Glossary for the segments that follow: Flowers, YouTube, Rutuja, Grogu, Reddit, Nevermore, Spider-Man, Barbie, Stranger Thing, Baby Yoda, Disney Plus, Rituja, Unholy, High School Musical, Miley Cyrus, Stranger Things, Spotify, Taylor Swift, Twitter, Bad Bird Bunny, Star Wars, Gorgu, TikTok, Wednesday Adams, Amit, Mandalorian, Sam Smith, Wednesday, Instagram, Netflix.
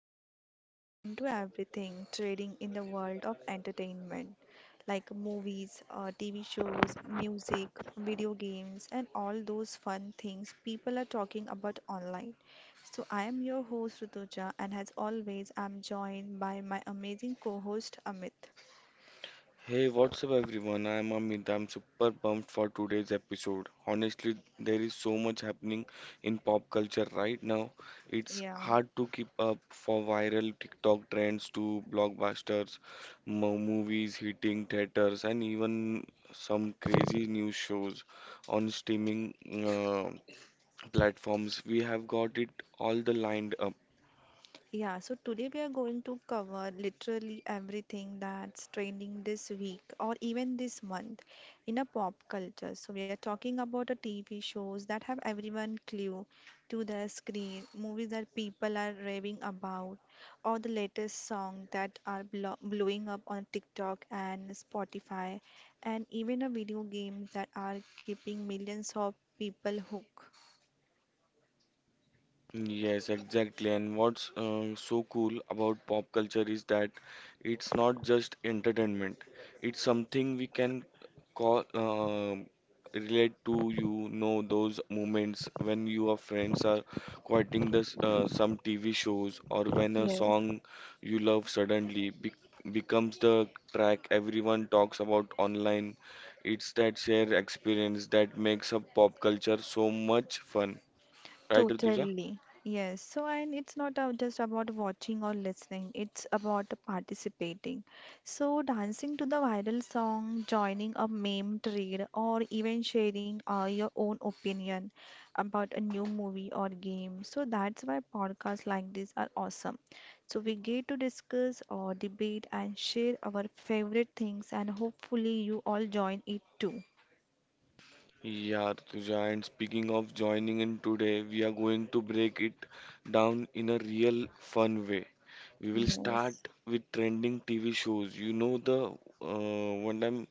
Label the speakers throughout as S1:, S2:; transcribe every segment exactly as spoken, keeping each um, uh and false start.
S1: we dive deep into everything trading in the world of entertainment, like movies, uh, T V shows, music, video games, and all those fun things people are talking about online. So, I am your host Rutuja, and as always, I'm joined by my amazing co host Amit.
S2: Hey, what's up everyone? I'm Amit. I'm super pumped for today's episode. Honestly, there is so much happening in pop culture right now. It's
S1: Yeah.
S2: hard to keep up for viral TikTok trends to blockbusters, mo- movies hitting theaters, and even some crazy news shows on streaming uh, platforms. We have got it all the lined up.
S1: Yeah, so today we are going to cover literally everything that's trending this week or even this month in a pop culture. So we are talking about the T V shows that have everyone glued to the screen, movies that people are raving about, or the latest song that are blo blowing up on TikTok and Spotify, and even a video games that are keeping millions of people hooked.
S2: Yes, exactly. And what's uh, so cool about pop culture is that it's not just entertainment. It's something we can call uh, relate to. You know those moments when your friends are quoting this uh, some T V shows, or when a
S1: Yes.
S2: song you love suddenly be becomes the track everyone talks about online. It's that shared experience that makes a pop culture so much fun. Right, Rituja?
S1: Totally. Yes. So, and it's not uh, just about watching or listening, it's about participating. So, dancing to the viral song, joining a meme trade, or even sharing uh, your own opinion about a new movie or game. So, that's why podcasts like this are awesome. So, we get to discuss or debate and share our favorite things, and hopefully, you all join it too.
S2: Yeah, Rutuja, and speaking of joining in today, we are going to break it down in a real fun way. We will start
S1: Yes.
S2: with trending T V shows. You know the uh, one time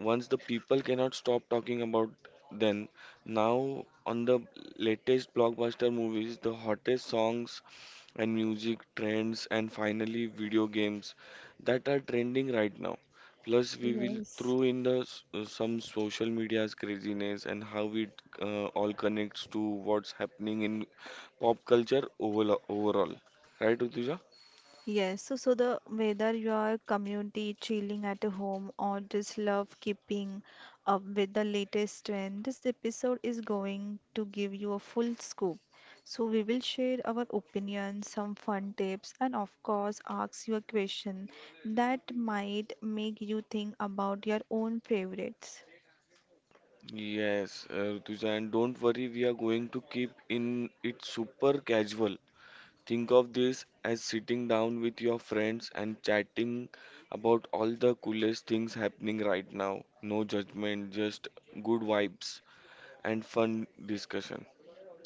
S2: once the people cannot stop talking about them. Now on the latest blockbuster movies, the hottest songs and music trends, and finally video games that are trending right now. Plus, we will
S1: Yes.
S2: throw in the s- uh, some social media's craziness and how it uh, all connects to what's happening in pop culture overall overall, right, Rutuja?
S1: Yes, so so the whether you are community chilling at home or just love keeping up with the latest trend, this episode is going to give you a full scoop. So we will share our opinions, some fun tips, and of course ask you a question that might make you think about your own favorites.
S2: Yes, uh, Rutuja, and don't worry, we are going to keep in it super casual. Think of this as sitting down with your friends and chatting about all the coolest things happening right now. No judgment, just good vibes and fun discussion.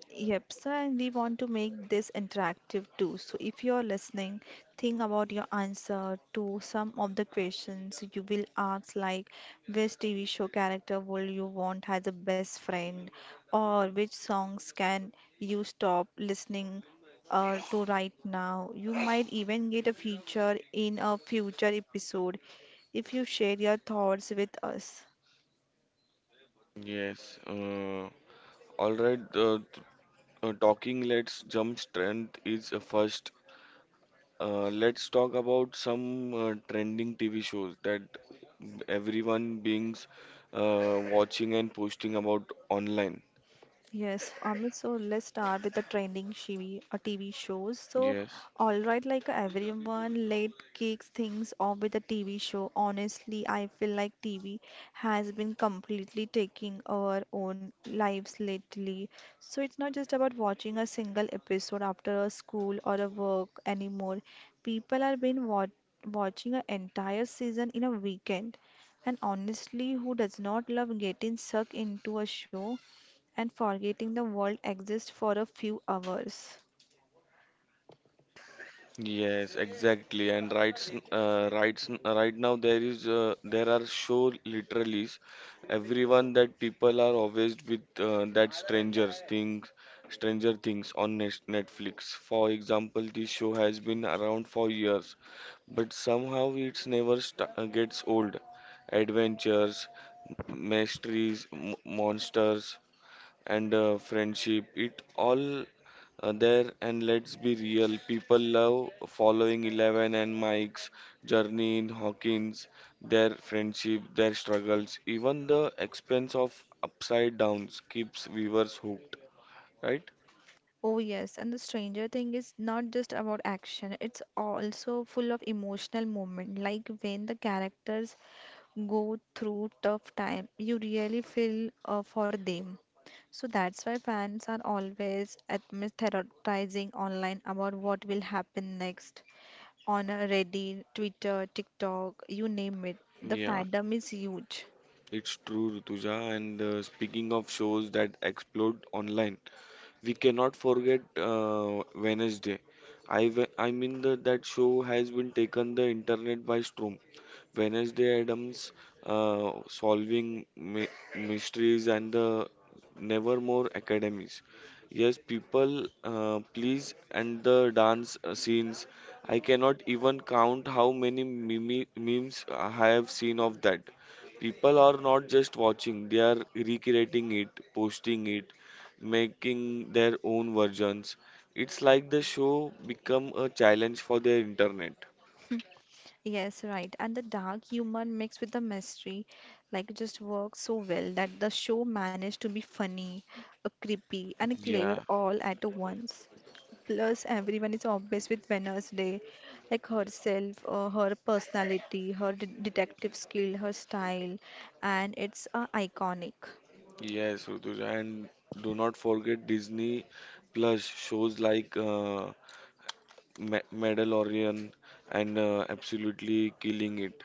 S1: Yep, so and we want to make this interactive too. So if you're listening, think about your answer to some of the questions you will ask, like which T V show character will you want as a best friend, or which songs can you stop listening uh, to right now. You might even get a feature in a future episode if you share your thoughts with us.
S2: Yes. Uh, all right. Uh, t- uh, talking. Let's jump. Strength is uh, first. Uh, let's talk about some uh, trending T V shows that everyone beings uh, watching and posting about online.
S1: Yes, Amit, so let's start with the trending T V, uh, T V shows. So,
S2: Yes.
S1: all right, like uh, everyone, let kicks things off with a T V show. Honestly, I feel like T V has been completely taking our own lives lately. So, it's not just about watching a single episode after a school or a work anymore. People are been wa watching an entire season in a weekend. And honestly, who does not love getting sucked into a show? And forgetting the world exists for a few hours.
S2: Yes, exactly. And right, s- uh, right, s- right now, there is uh, there are show literally everyone that people are obsessed with, uh, that strangers things, Stranger Things on Nes- Netflix. For example, this show has been around for years, but somehow it's never st- uh, gets old. Adventures, mysteries, m- monsters, and uh, friendship, it all uh, there. And let's be real, people love following eleven and Mike's journey in Hawkins. Their friendship, their struggles, even the expense of upside downs keeps viewers hooked, right?
S1: Oh, yes, and the stranger thing is not just about action, it's also full of emotional moment. Like when the characters go through tough time, you really feel uh, for them. So that's why fans are always theorizing online about what will happen next on uh, Reddit, Twitter, TikTok, you name it. The
S2: Yeah,
S1: fandom is huge.
S2: it's true, Rutuja, and uh, speaking of shows that explode online, we cannot forget uh, Wednesday. I, ve- I mean, the, that show has been taken the internet by storm. Wednesday Adams uh, solving my mysteries and the Nevermore academies. Yes, people, uh, please, and the dance uh, scenes. I cannot even count how many meme memes I have seen of that. People are not just watching, they are recreating it, posting it, making their own versions. It's like the show become a challenge for their internet.
S1: Yes, right. And the dark humor mixed with the mystery, like, just works so well that the show managed to be funny, uh, creepy, and clever
S2: Yeah.
S1: all at once. Plus, everyone is obsessed with Wednesday, like herself, uh, her personality, her de detective skill, her style, and it's uh, iconic.
S2: Yes, Rutuja, and do not forget Disney Plus shows like uh, Ma Mandalorian and uh, Absolutely Killing It.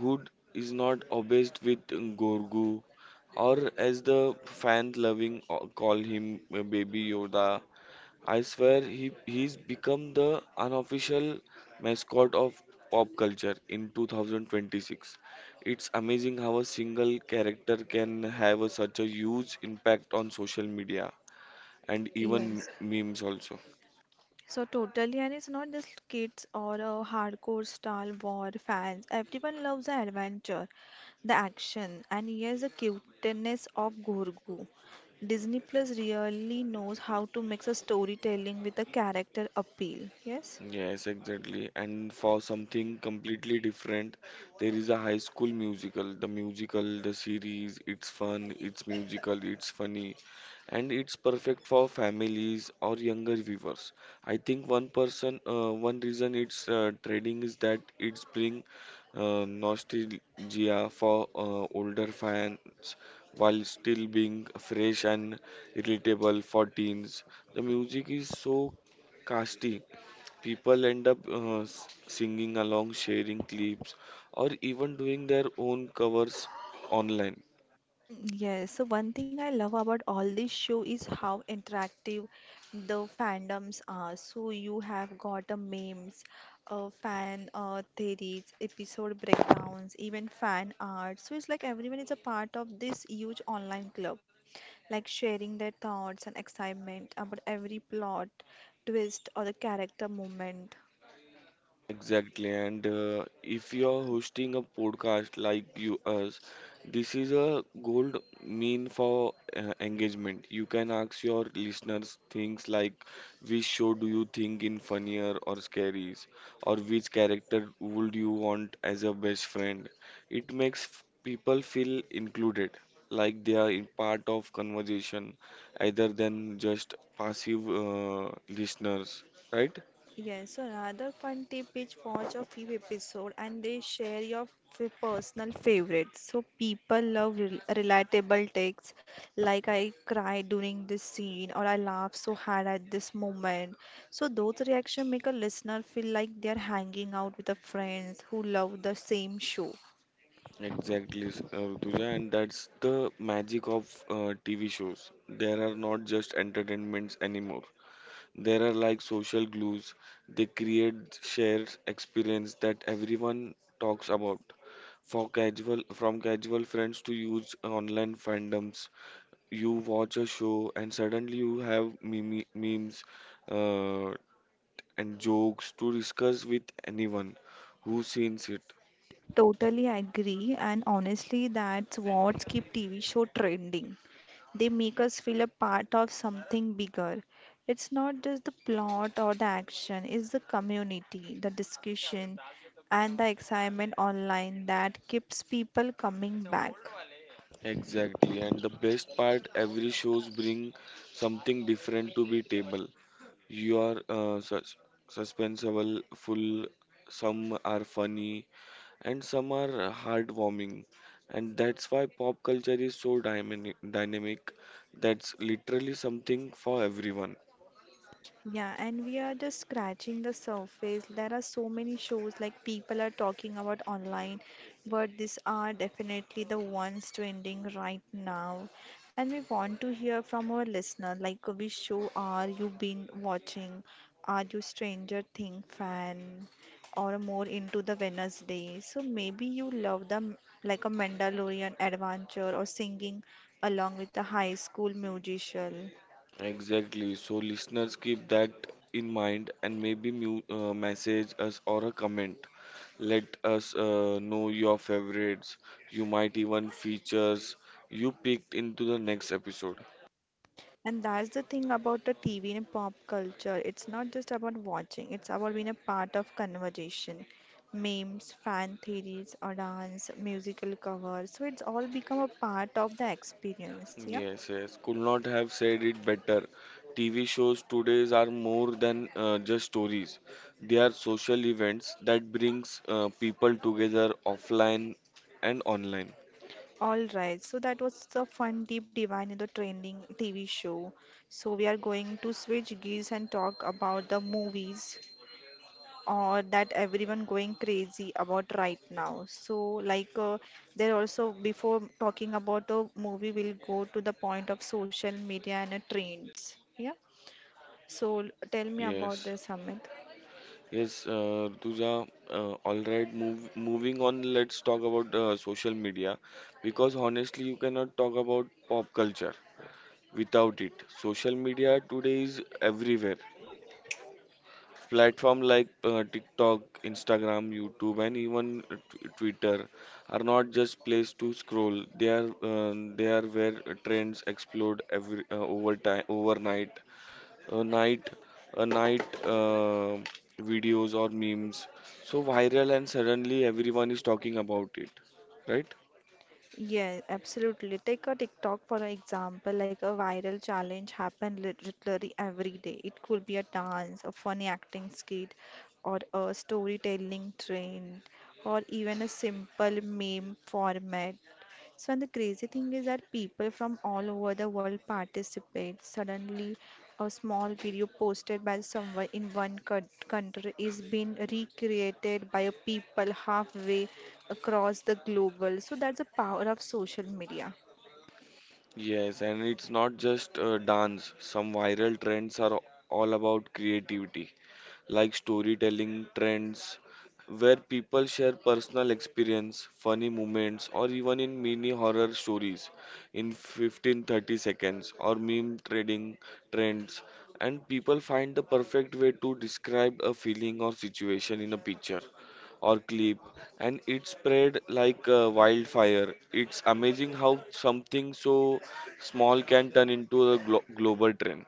S2: Who is not obsessed with Gorgu, or as the fans loving uh, call him, uh, Baby Yoda? I swear he he's become the unofficial mascot of pop culture in two thousand twenty-six. It's amazing how a single character can have a- such a huge impact on social media and even
S1: Yes.
S2: memes also.
S1: So totally, and it's not just kids or a hardcore Star Wars fans. Everyone loves the adventure, the action, and yes, the cuteness of Grogu. Disney Plus really knows how to mix a storytelling with a character appeal. Yes.
S2: Yes, exactly. And for something completely different, there is a High School Musical. The musical, the series, it's fun, it's musical, it's funny, and it's perfect for families or younger viewers. I think one person, uh, one reason it's uh, trending is that it's bring uh, nostalgia for uh, older fans while still being fresh and relatable for teens. The music is so casty. People end up uh, s- singing along, sharing clips, or even doing their own covers online.
S1: Yes, so one thing I love about all this show is how interactive the fandoms are. So you have got a memes, uh, fan uh, theories, episode breakdowns, even fan art. So it's like everyone is a part of this huge online club, like sharing their thoughts and excitement about every plot, twist, or the character movement.
S2: Exactly, and uh, if you're hosting a podcast like you us, this is a gold mean for uh, engagement. You can ask your listeners things like, which show do you think in funnier or scaries, or which character would you want as a best friend? It makes f- people feel included, like they are in part of conversation, rather than just passive uh, listeners, right?
S1: Yes, so another fun tip is watch a few episodes and they share your f- personal favorites. So people love rel relatable takes like I cried during this scene or I laughed so hard at this moment. So those reactions make a listener feel like they're hanging out with the friends who love the same show.
S2: Exactly, s- uh, Rutuja, and that's the magic of uh, T V shows. There are not just entertainments anymore. There are like social glues. They create shared experience that everyone talks about. For casual, from casual friends to huge online fandoms, you watch a show and suddenly you have meme memes uh, and jokes to discuss with anyone who's seen it.
S1: Totally agree, and honestly, that's what keep T V show trending. They make us feel a part of something bigger. It's not just the plot or the action, it's the community, the discussion, and the excitement online that keeps people coming back.
S2: Exactly, and the best part, every shows bring something different to be table. You are uh, sus suspenseful, full. Some are funny, and some are heartwarming, and that's why pop culture is so dynamic. Dynamic, that's literally something for everyone.
S1: Yeah, and we are just scratching the surface. There are so many shows like people are talking about online, but these are definitely the ones trending right now. And we want to hear from our listener, like which show are you been watching? Are you Stranger Thing fan or more into the Wednesday? So maybe you love the like a Mandalorian adventure or singing along with a high school musician.
S2: Exactly. So listeners, keep that in mind and maybe mu uh, message us or a comment. Let us uh, know your favorites. You might even features you picked into the next episode.
S1: And that's the thing about the T V and pop culture. It's not just about watching, it's about being a part of conversation. Memes, fan theories, or dance, musical covers. So it's all become a part of the experience. Yeah.
S2: Yes, yes. Could not have said it better. T V shows today are more than uh, just stories. They are social events that brings uh, people together, offline and online.
S1: All right. So that was the fun deep divine in the trending T V show. So we are going to switch gears and talk about the movies. Or that everyone going crazy about right now so like uh, there also before talking about a movie we'll go to the point of social media and uh, trends yeah so tell me about
S2: Yes.
S1: this Amit.
S2: Yes, uh, Rutuja, uh, all right. Move, moving on, let's talk about uh, social media, because honestly, you cannot talk about pop culture without it. Social media today is everywhere. Platform like uh, TikTok, Instagram, YouTube, and even uh, t- Twitter are not just place to scroll. They are uh, they are where trends explode every uh, over time overnight, a night a night uh, videos or memes so viral, and suddenly everyone is talking about it, right?
S1: Yeah, absolutely. Take a TikTok for an example, like a viral challenge happen lit- literally every day. It could be a dance, a funny acting skit, or a storytelling trend, or even a simple meme format. So and the crazy thing is that people from all over the world participate. Suddenly, a small video posted by someone in one coun- country is being recreated by a people halfway across the global. So that's the power of social media.
S2: Yes, and it's not just uh, dance. Some viral trends are all about creativity, like storytelling trends, where people share personal experience, funny moments, or even in mini horror stories in fifteen thirty seconds, or meme trading trends. And people find the perfect way to describe a feeling or situation in a picture or clip, and it spread like a wildfire. It's amazing how something so small can turn into a glo- global trend.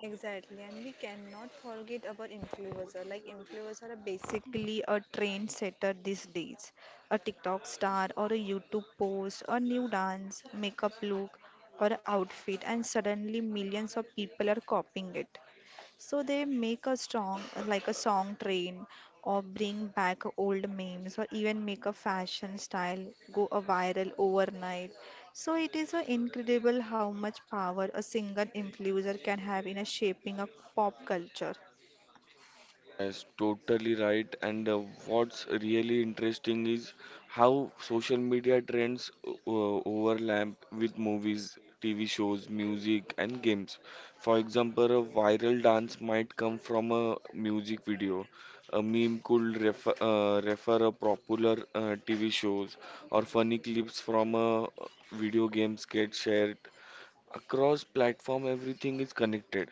S1: Exactly, and we cannot forget about influencer. Like influencer are basically a trendsetter these days. A TikTok star or a YouTube post, a new dance, makeup look, or outfit, and suddenly millions of people are copying it. So they make a strong, like a song train, or bring back old memes, or even make a fashion style go a viral overnight. So it is a incredible how much power a single influencer can have in a shaping a pop culture.
S2: Yes, totally right. And uh, what's really interesting is how social media trends o- o- overlap with movies, T V shows, music, and games. For example, a viral dance might come from a music video. A meme could refer, uh, refer a popular uh, T V shows, or funny clips from a uh, video game get shared across platform. Everything is connected.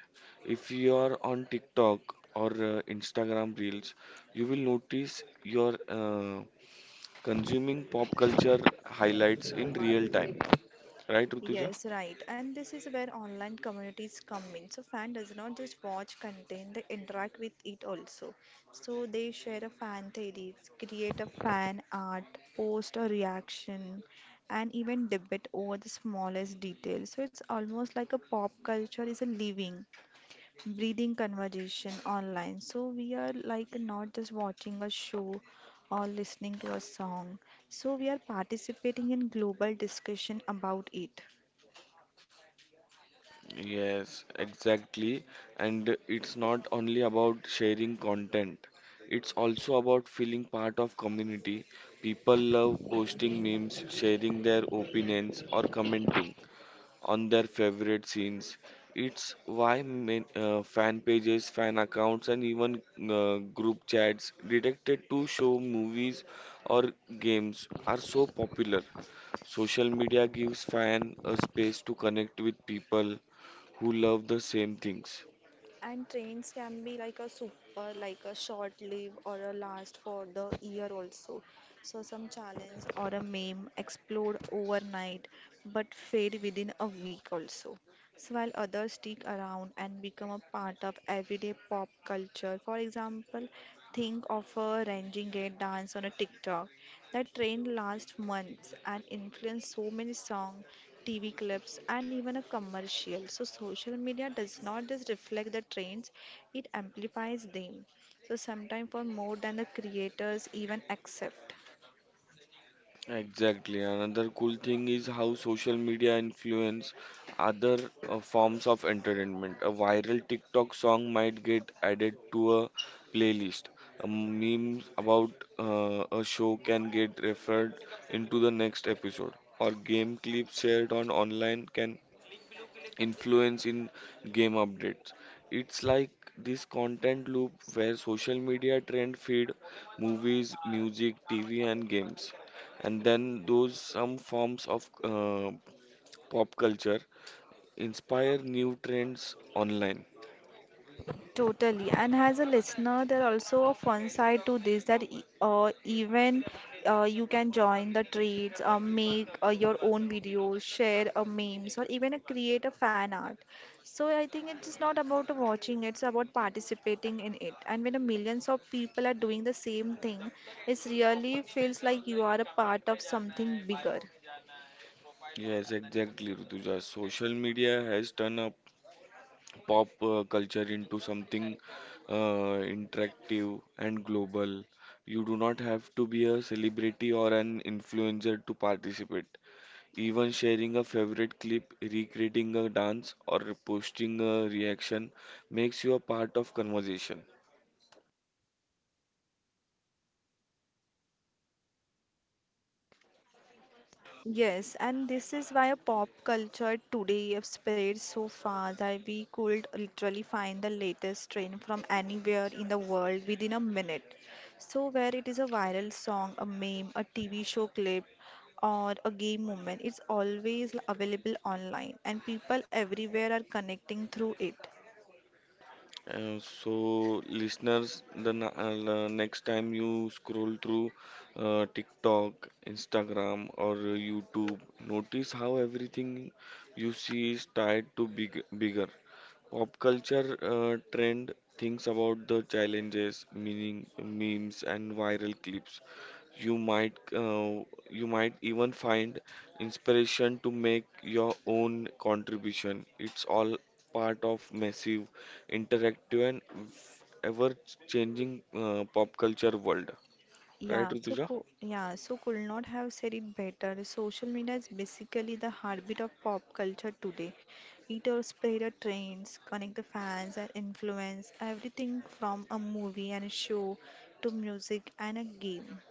S2: If you are on TikTok or uh, Instagram reels, you will notice you're uh, consuming pop culture highlights in real time, right, Rutuja?
S1: Yes, right. And this is where online communities come in. So fan does not just watch content, they interact with it also. So they share a fan theories, create a fan art, post a reaction, and even debate over the smallest details. So it's almost like a pop culture is a living, breathing conversation online. So we are like not just watching a show or listening to a song. So we are participating in global discussion about it.
S2: Yes, exactly. And it's not only about sharing content. It's also about feeling part of community. People love posting memes, sharing their opinions, or commenting on their favorite scenes. It's why main, uh, fan pages, fan accounts, and even uh, group chats directed to show movies or games are so popular. Social media gives fan a space to connect with people who love the same things.
S1: And trains can be like a super, like a short live or a last for the year also. So some challenge or a meme explode overnight but fade within a week also. So while others stick around and become a part of everyday pop culture. For example, think of a ranging gate dance on a TikTok. That trend lasts months and influenced so many songs T V clips, and even a commercial. So social media does not just reflect the trends, it amplifies them. So sometimes for more than the creators even accept.
S2: Exactly. Another cool thing is how social media influence other uh, forms of entertainment. A viral TikTok song might get added to a playlist. A meme about uh, a show can get referred into the next episode. Or game clips shared on online can influence in game updates. It's like this content loop where social media trend feed movies, music, T V, and games. And then those some forms of uh, pop culture inspire new trends online.
S1: Totally. And as a listener, there also a fun side to this that e- uh, even uh, you can join the trades, uh, make uh, your own videos, share uh, memes, or even uh, create a fan art. So I think it's just not about uh, watching, it's about participating in it. And when a millions of people are doing the same thing, it really feels like you are a part of something bigger.
S2: Yes, exactly, Rutuja. Social media has turned up pop uh, culture into something uh, interactive and global. You do not have to be a celebrity or an influencer to participate. Even sharing a favorite clip, recreating a dance, or posting a reaction makes you a part of conversation.
S1: Yes, and this is why a pop culture today have spread so far that we could literally find the latest trend from anywhere in the world within a minute. So where it is a viral song, a meme, a T V show clip, or a game moment, it's always available online and people everywhere are connecting through it.
S2: Uh, so, listeners, the na- uh, la- next time you scroll through uh, TikTok, Instagram, or YouTube, notice how everything you see is tied to big bigger. Pop culture uh, trend thinks about the challenges, meaning memes and viral clips. You might uh, you might even find inspiration to make your own contribution. It's all part of massive, interactive, and ever changing uh, pop culture world. Right,
S1: Yeah, so
S2: Rutuja?
S1: cool. Yeah, so could not have said it better. Social media is basically the heartbeat of pop culture today. It or spread the trends, connect the fans and influence everything from a movie and a show to music and a game.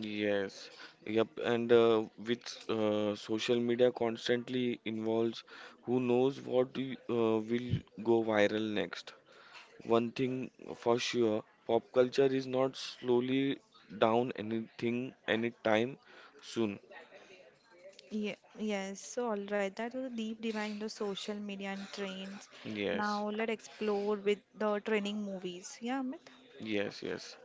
S2: Yes, yep, and uh, with uh, social media constantly involves, who knows what y- uh, will go viral next. One thing for sure, pop culture is not slowly down anything anytime soon.
S1: Yeah, yes, so all right, that was a deep dive into social media and trends.
S2: Yes,
S1: Now let's explore with the trending movies. Yeah, Amit?
S2: yes, yes,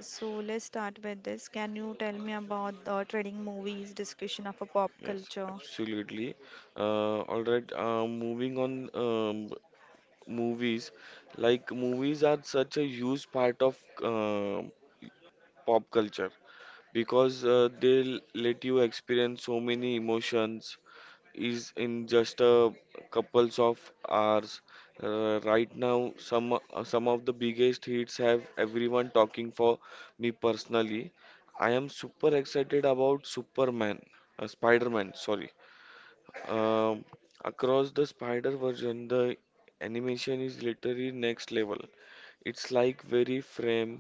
S1: So let's start with this. Can you tell me about the trending movies discussion of a pop
S2: yes,
S1: culture?
S2: absolutely. Uh, all right, uh, moving on, um, movies. Like movies are such a huge part of uh, pop culture, because uh, they'll let you experience so many emotions is in just a couples of hours. Uh, right now, some uh, some of the biggest hits have everyone talking. For me personally, I am super excited about Superman, uh, Spider-Man, sorry, um, across the spider version. The animation is literally next level. It's like very frame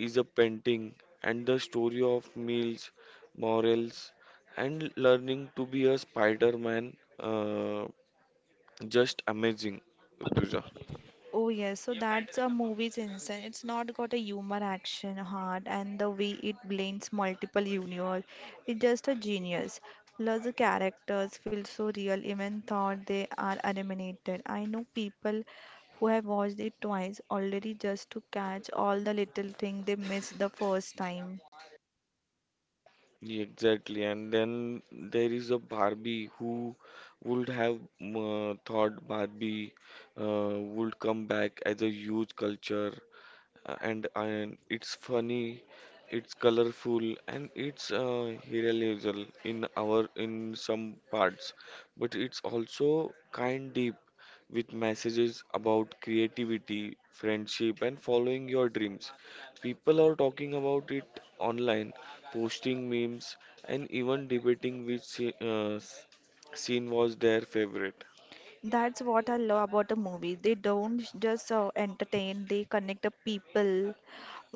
S2: is a painting, and the story of meals, morals, and learning to be a Spider-Man. Uh, just amazing, Rutuja.
S1: Oh yes, so that's a movie's insane. It's not got a humor, action, heart, and the way it blends multiple universe. It's just a genius. Plus the characters feel so real, even though they are animated. I know people who have watched it twice already just to catch all the little things they missed the first time.
S2: Exactly. And then there is a Barbie who would have uh, thought Barbie uh, would come back as a huge culture uh, and and it's funny, it's colorful, and it's uh, irrealisable in our in some parts, but it's also kind deep with messages about creativity, friendship, and following your dreams. People are talking about it online, posting memes, and even debating which se- uh, s- scene was their favorite.
S1: That's what I love about the movie. They don't just uh, entertain, they connect the people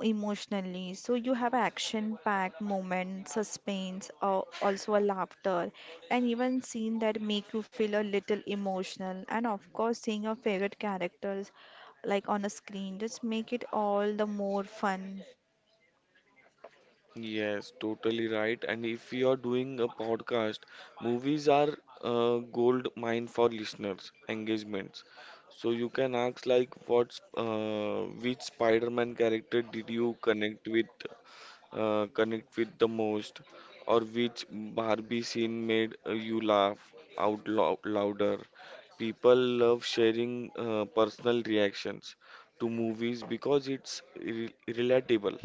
S1: emotionally. So you have action-packed moments, suspense, uh, also a laughter, and even scene that make you feel a little emotional. And of course, seeing your favorite characters like on a screen just make it all the more fun.
S2: Yes, totally right. And if you are doing a podcast, movies are a gold mine for listeners' engagements. So you can ask like, what's uh, which Spider-Man character did you connect with, uh, connect with the most, or which Barbie scene made uh, you laugh out loud louder. People love sharing uh, personal reactions to movies because it's re relatable.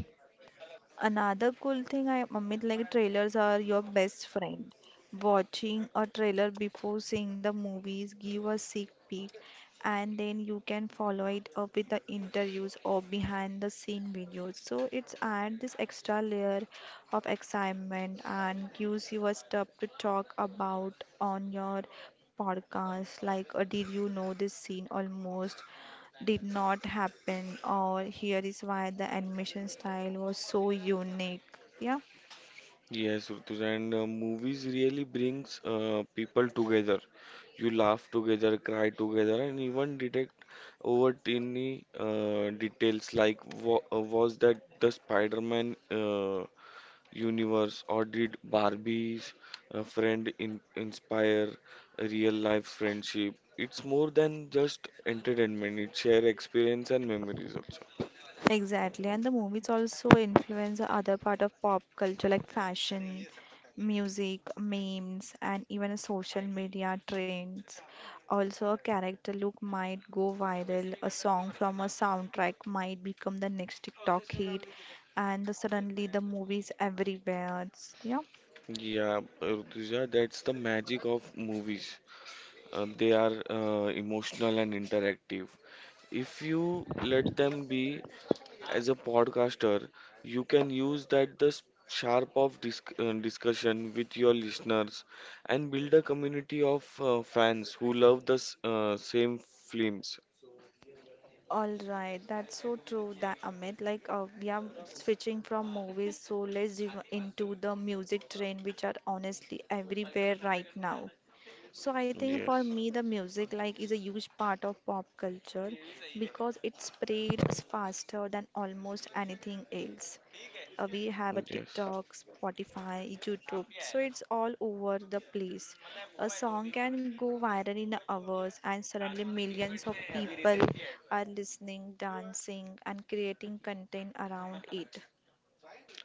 S1: Another cool thing I Amit like trailers are your best friend. Watching a trailer before seeing the movies give a sneak peek, and then you can follow it up with the interviews or behind the scene videos. So it's add this extra layer of excitement and gives you a stuff to talk about on your podcast like, uh, did you know this scene almost did not happen, or here is why the animation style was so unique. Yeah,
S2: Yes, Rituja, and uh, movies really brings uh, people together. You laugh together, cry together, and even detect over tiny uh, details like wa uh, was that the Spider-Man uh, universe, or did Barbie's uh, friend in inspire real-life friendship? It's more than just entertainment. It share experience and memories also.
S1: exactly. And the movies also influence the other part of pop culture like fashion, music, memes, and even a social media trends. Also, a character look might go viral, a song from a soundtrack might become the next TikTok hit, and the- suddenly the movies everywhere. It's- Yeah.
S2: Yeah, Rituja, that's the magic of movies. Uh, they are uh, emotional and interactive. If you let them be as a podcaster, you can use that the s- sharp of disc uh, discussion with your listeners and build a community of uh, fans who love the s- uh, same films.
S1: All right, that's so true that Amit, like uh, we are switching from movies, so let's dive into the music trend, which are honestly everywhere right now. So I think for
S2: Yes,
S1: me the music like is a huge part of pop culture because it spreads faster than almost anything else. Uh, we have a
S2: yes,
S1: TikTok, Spotify, YouTube, so it's all over the place. A song can go viral in hours, and suddenly millions of people are listening, dancing, and creating content around it.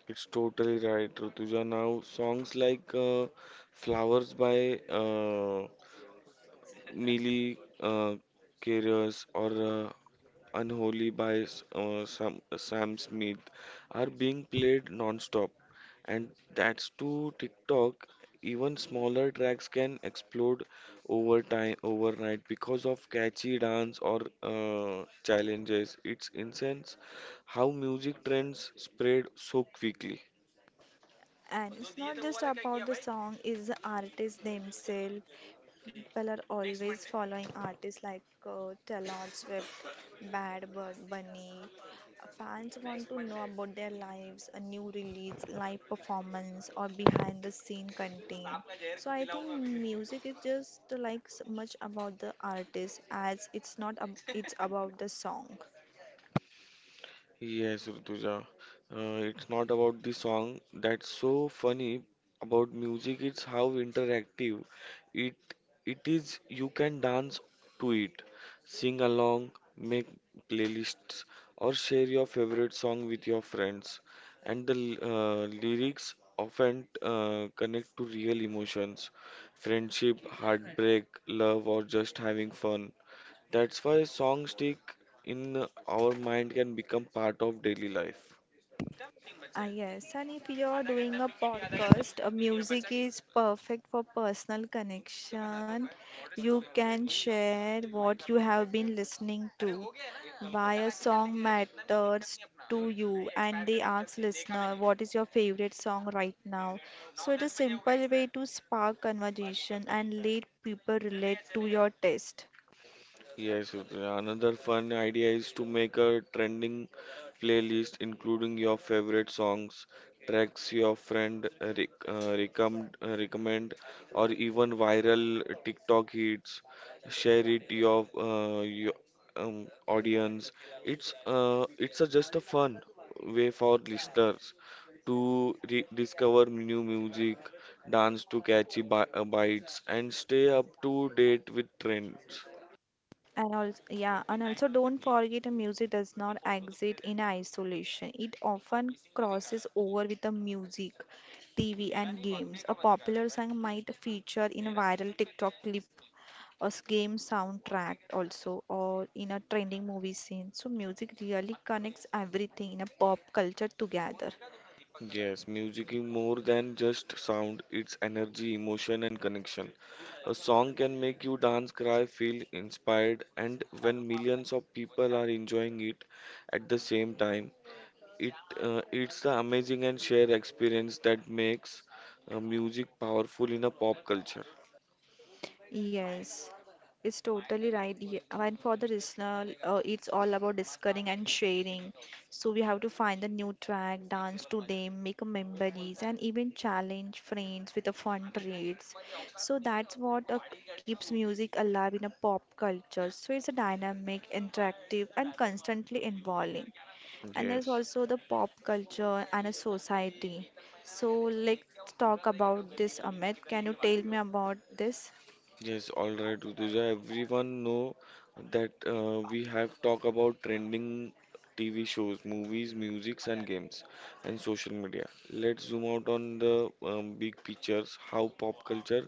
S2: it's totally right, Rutuja. Now, songs like uh, Flowers by uh, Miley uh, Cyrus, or uh, Unholy by S- uh, Sam, uh, Sam Smith are being played non-stop, and that's to TikTok. Even smaller tracks can explode over time, overnight because of catchy dance or uh, challenges. It's insane how music trends spread so quickly.
S1: And it's not just about the song, it's the artists themselves. People are always following artists like uh, Taylor Swift, Bad Bird Bunny. Fans want to know about their lives, a new release, live performance, or behind the scene content. So I think music is just like so much about the artist as it's not ab- it's about the song.
S2: Yes, Rutuja. Uh, it's not about the song. That's so funny about music. It's how interactive it it is. You can dance to it, sing along, make playlists, or share your favorite song with your friends. And the l- uh, lyrics often uh, connect to real emotions, friendship, heartbreak, love, or just having fun. That's why songs stick in our mind can become part of daily life.
S1: Ah, yes, and if you're doing a podcast, uh, music is perfect for personal connection. You can share what you have been listening to, why a song matters to you, and they ask listener, what is your favorite song right now? So it's a simple way to spark conversation and let people relate to your taste.
S2: Yes, another fun idea is to make a trending playlist including your favorite songs, tracks your friend uh, rec uh, recommend, uh, recommend, or even viral TikTok hits. Share it your uh, your um, audience. It's uh, it's a, just a fun way for listeners to re discover new music, dance to catchy bi uh, bites, and stay up to date with trends.
S1: And also, yeah, and also don't forget a music does not exist in isolation. It often crosses over with the music, T V, and games. A popular song might feature in a viral TikTok clip, a s- game soundtrack also, or in a trending movie scene. So music really connects everything in a pop culture together.
S2: Yes, music is more than just sound, it's energy, emotion, and connection. A song can make you dance, cry, feel inspired, and when millions of people are enjoying it at the same time, it uh, it's the amazing and shared experience that makes uh, music powerful in a pop culture.
S1: Yes, it's totally right. Ye- And for the listener, uh, it's all about discovering and sharing. So we have to find a new track, dance to them, make memories, and even challenge friends with the fun trades. So that's what uh, keeps music alive in a pop culture. So it's a dynamic, interactive, and constantly evolving. And there's
S2: Yes.
S1: also the pop culture and a society. So let's talk about this, Amit. Can you tell me about this?
S2: Yes, all right, Rutuja. Everyone know that uh, we have talked about trending T V shows, movies, musics, and games, and social media. Let's zoom out on the um, big pictures, how pop culture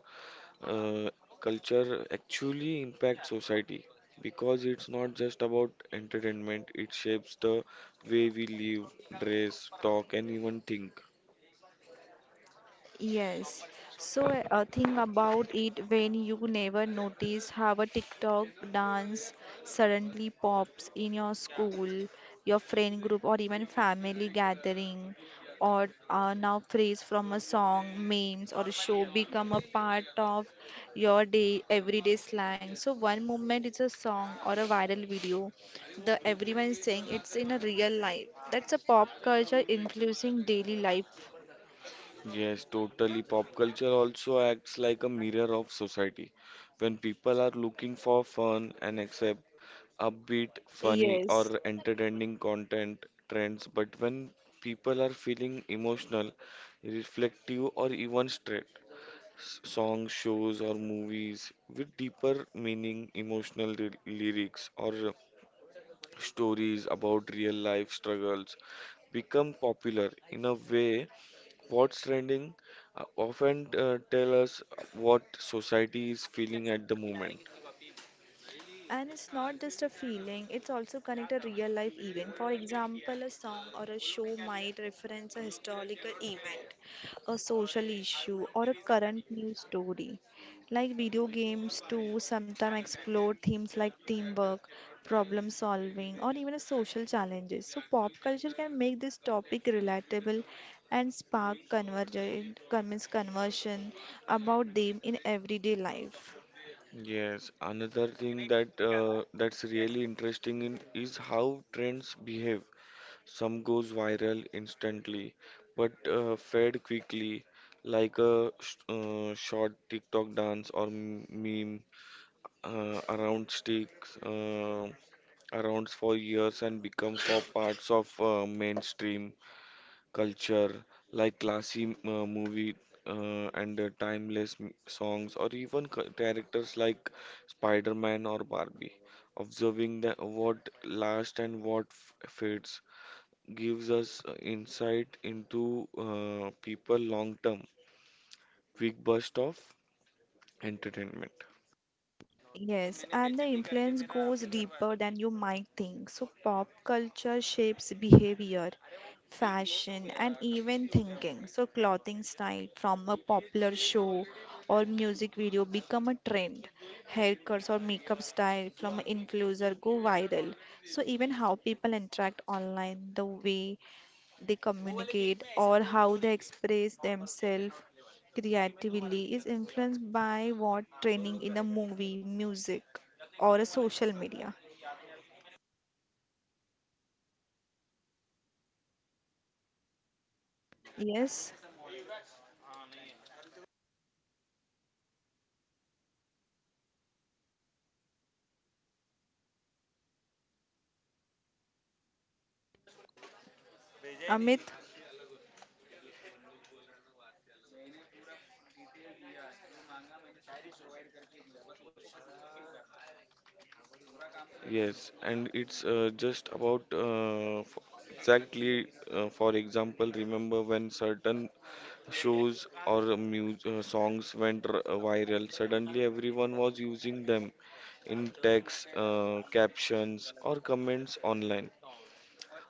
S2: uh, culture actually impacts society. Because it's not just about entertainment, it shapes the way we live, dress, talk, and even think.
S1: Yes. So a a thing about it when you never notice how a TikTok dance suddenly pops in your school, your friend group, or even family gathering. Or uh, now phrase from a song, memes, or a show become a part of your day, everyday slang. So one moment it's a song or a viral video, the everyone is saying it's in a real life. That's a pop culture influencing daily life.
S2: Yes, totally. Pop culture also acts like a mirror of society. When people are looking for fun and accept upbeat, funny,
S1: Yes.
S2: or entertaining content trends, but when people are feeling emotional, reflective, or even straight, songs, shows, or movies with deeper meaning, emotional ly- lyrics, or uh, stories about real life struggles become popular in a way. What's trending uh, often uh, tell us what society is feeling at the moment.
S1: And it's not just a feeling, it's also connected a real life event. For example, a song or a show might reference a historical event, a social issue, or a current news story. Like video games, too, sometimes explore themes like teamwork, problem solving, or even a social challenges. So, pop culture can make this topic relatable and spark convergent, convince conversion about them in everyday life.
S2: Yes, another thing that uh, that's really interesting in is how trends behave. Some goes viral instantly, but uh, fade quickly, like a sh uh, short TikTok dance or m- meme uh, around sticks uh, around for years and becomes for parts of uh, mainstream culture, like classy m- uh, movie uh, and uh, timeless m- songs, or even ca- characters like Spider-Man or Barbie. Observing the, what lasts and what f- fades gives us uh, insight into uh, people long term. Quick burst of entertainment.
S1: Yes, and the influence goes deeper than you might think. So, pop culture shapes behavior, fashion, and even thinking. So, clothing style from a popular show or music video become a trend. Haircuts or makeup style from an influencer go viral. So, even how people interact online, the way they communicate or how they express themselves creatively is influenced by what training in a movie, music, or a social media. Yes, Amit.
S2: Yes, and it's uh, just about uh, f- exactly, uh, for example, remember when certain shows or music, uh, songs went r- uh, viral. Suddenly, everyone was using them in text, uh, captions, or comments online,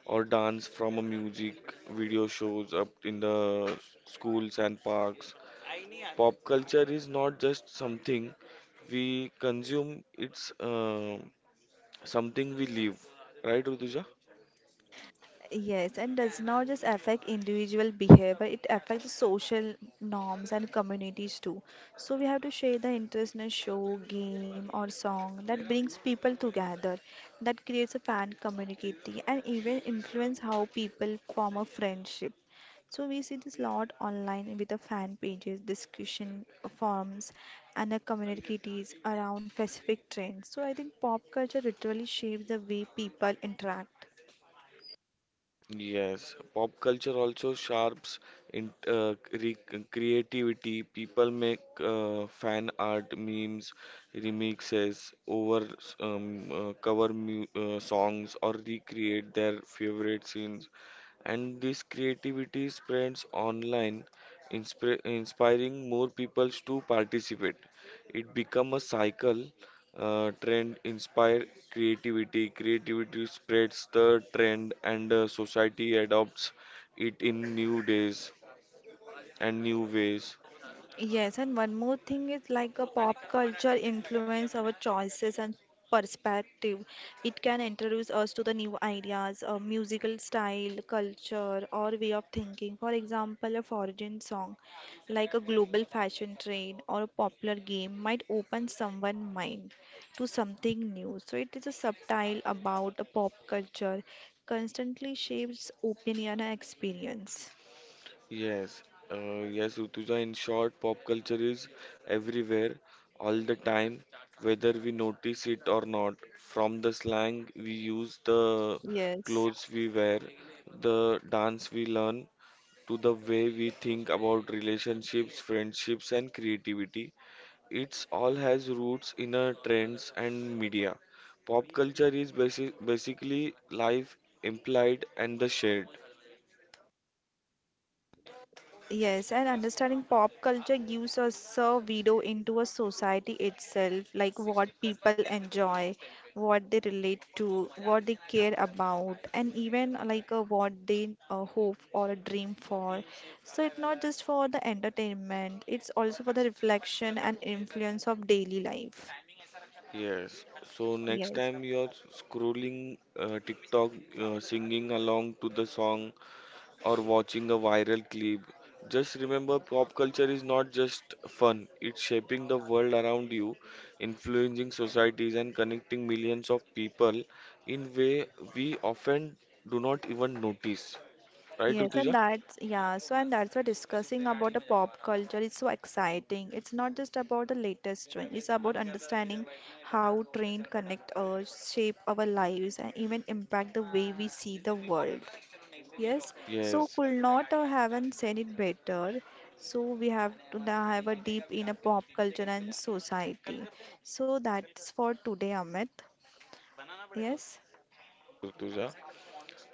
S2: or dance from a music video shows up in the schools and parks. Pop culture is not just something we consume; it's uh, something we live. Right, Rutuja?
S1: Yes, and does not just affect individual behavior, it affects the social norms and communities too. So we have to share the interest in a show, game, or song that brings people together, that creates a fan community, and even influence how people form a friendship. So we see this lot online with the fan pages, discussion forums, and the communities around specific trends. So I think pop culture literally shapes the way people interact.
S2: Yes, pop culture also sharps in uh, cre- creativity. People make uh, fan art, memes, remixes, over um, uh, cover mu uh, songs, or recreate their favorite scenes, and this creativity spreads online, inspir- inspiring more people to participate. It becomes a cycle. Uh, trend inspire creativity, creativity spreads the trend, and uh, society adopts it in new days and new ways.
S1: Yes, and one more thing is like a pop culture influence our choices and perspective. It can introduce us to the new ideas, uh, musical style, culture, or way of thinking. For example, a foreign song, like a global fashion trend or a popular game, might open someone's mind to something new. So it is a subtle about a pop culture, constantly shapes opinion and experience.
S2: Yes, uh, yes, Utuja. In short, pop culture is everywhere, all the time, whether we notice it or not. From the slang we use, the
S1: Yes.
S2: clothes we wear, the dance we learn, to the way we think about relationships, friendships, and creativity. It's all has roots in our trends and media. Pop culture is basi basically life implied and the shared.
S1: Yes, and understanding pop culture gives us a window into a society itself, like what people enjoy, what they relate to, what they care about, and even uh, like uh, what they uh, hope or a dream for. So it's not just for the entertainment, it's also for the reflection and influence of daily life.
S2: Yes. So next
S1: Yes.
S2: time you're scrolling uh, TikTok, uh, singing along to the song or watching a viral clip, just remember pop culture is not just fun. It's shaping the world around you, influencing societies and connecting millions of people in way we often do not even notice. Right,
S1: Yes, and
S2: Rutuja?
S1: that's yeah, so and that's why discussing about the pop culture is so exciting. It's not just about the latest trend, it's about understanding how trend connect us, shape our lives, and even impact the way we see the world. Yes, so
S2: Yes,
S1: could not uh, haven't said it better. So we have to now have a deep in a pop culture and society. So that's for today, Amit. Yes.
S2: Rutuja.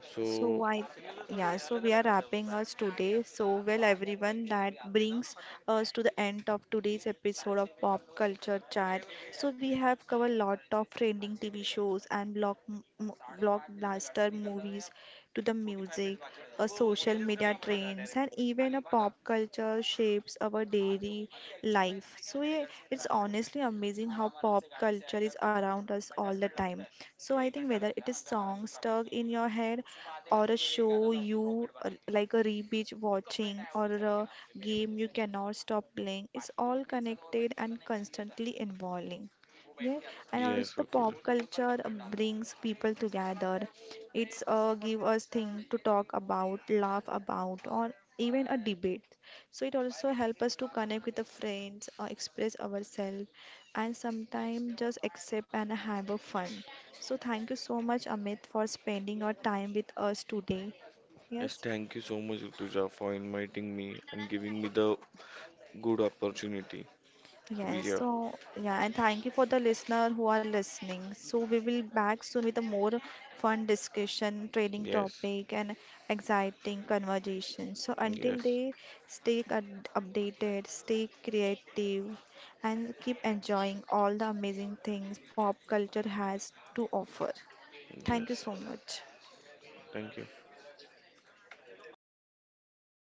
S2: So,
S1: So I, yeah, so we are wrapping us today. So well, everyone, that brings us to the end of today's episode of Pop Culture Chat. So we have covered lot of trending T V shows and block m- m- blockbuster movies to the music, a social media trends, and even a pop culture shapes our daily life. So yeah, it's honestly amazing how pop culture is around us all the time. So I think whether it is song stuck in your head or a show you uh, like a re-binge watching or a game you cannot stop playing, it's all connected and constantly involving. Yeah, and also
S2: yes,
S1: the pop
S2: Rutuja.
S1: culture uh, brings people together. It's a give us thing to talk about, laugh about, or even a debate. So it also help us to connect with the friends or express ourselves and sometimes just accept and have a fun. So thank you so much Amit for spending your time with us today.
S2: Yes,
S1: Yes.
S2: thank you so much, Rutuja, for inviting me and giving me the good opportunity to be
S1: Yes,
S2: here.
S1: so yeah, and thank you for the listener who are listening. So we will back soon with a more fun discussion, trading
S2: Yes,
S1: topic, and exciting conversation. So until
S2: yes,
S1: they stay up- updated, stay creative, and keep enjoying all the amazing things pop culture has to offer. Thank you
S2: yes.
S1: so much.
S2: Thank you.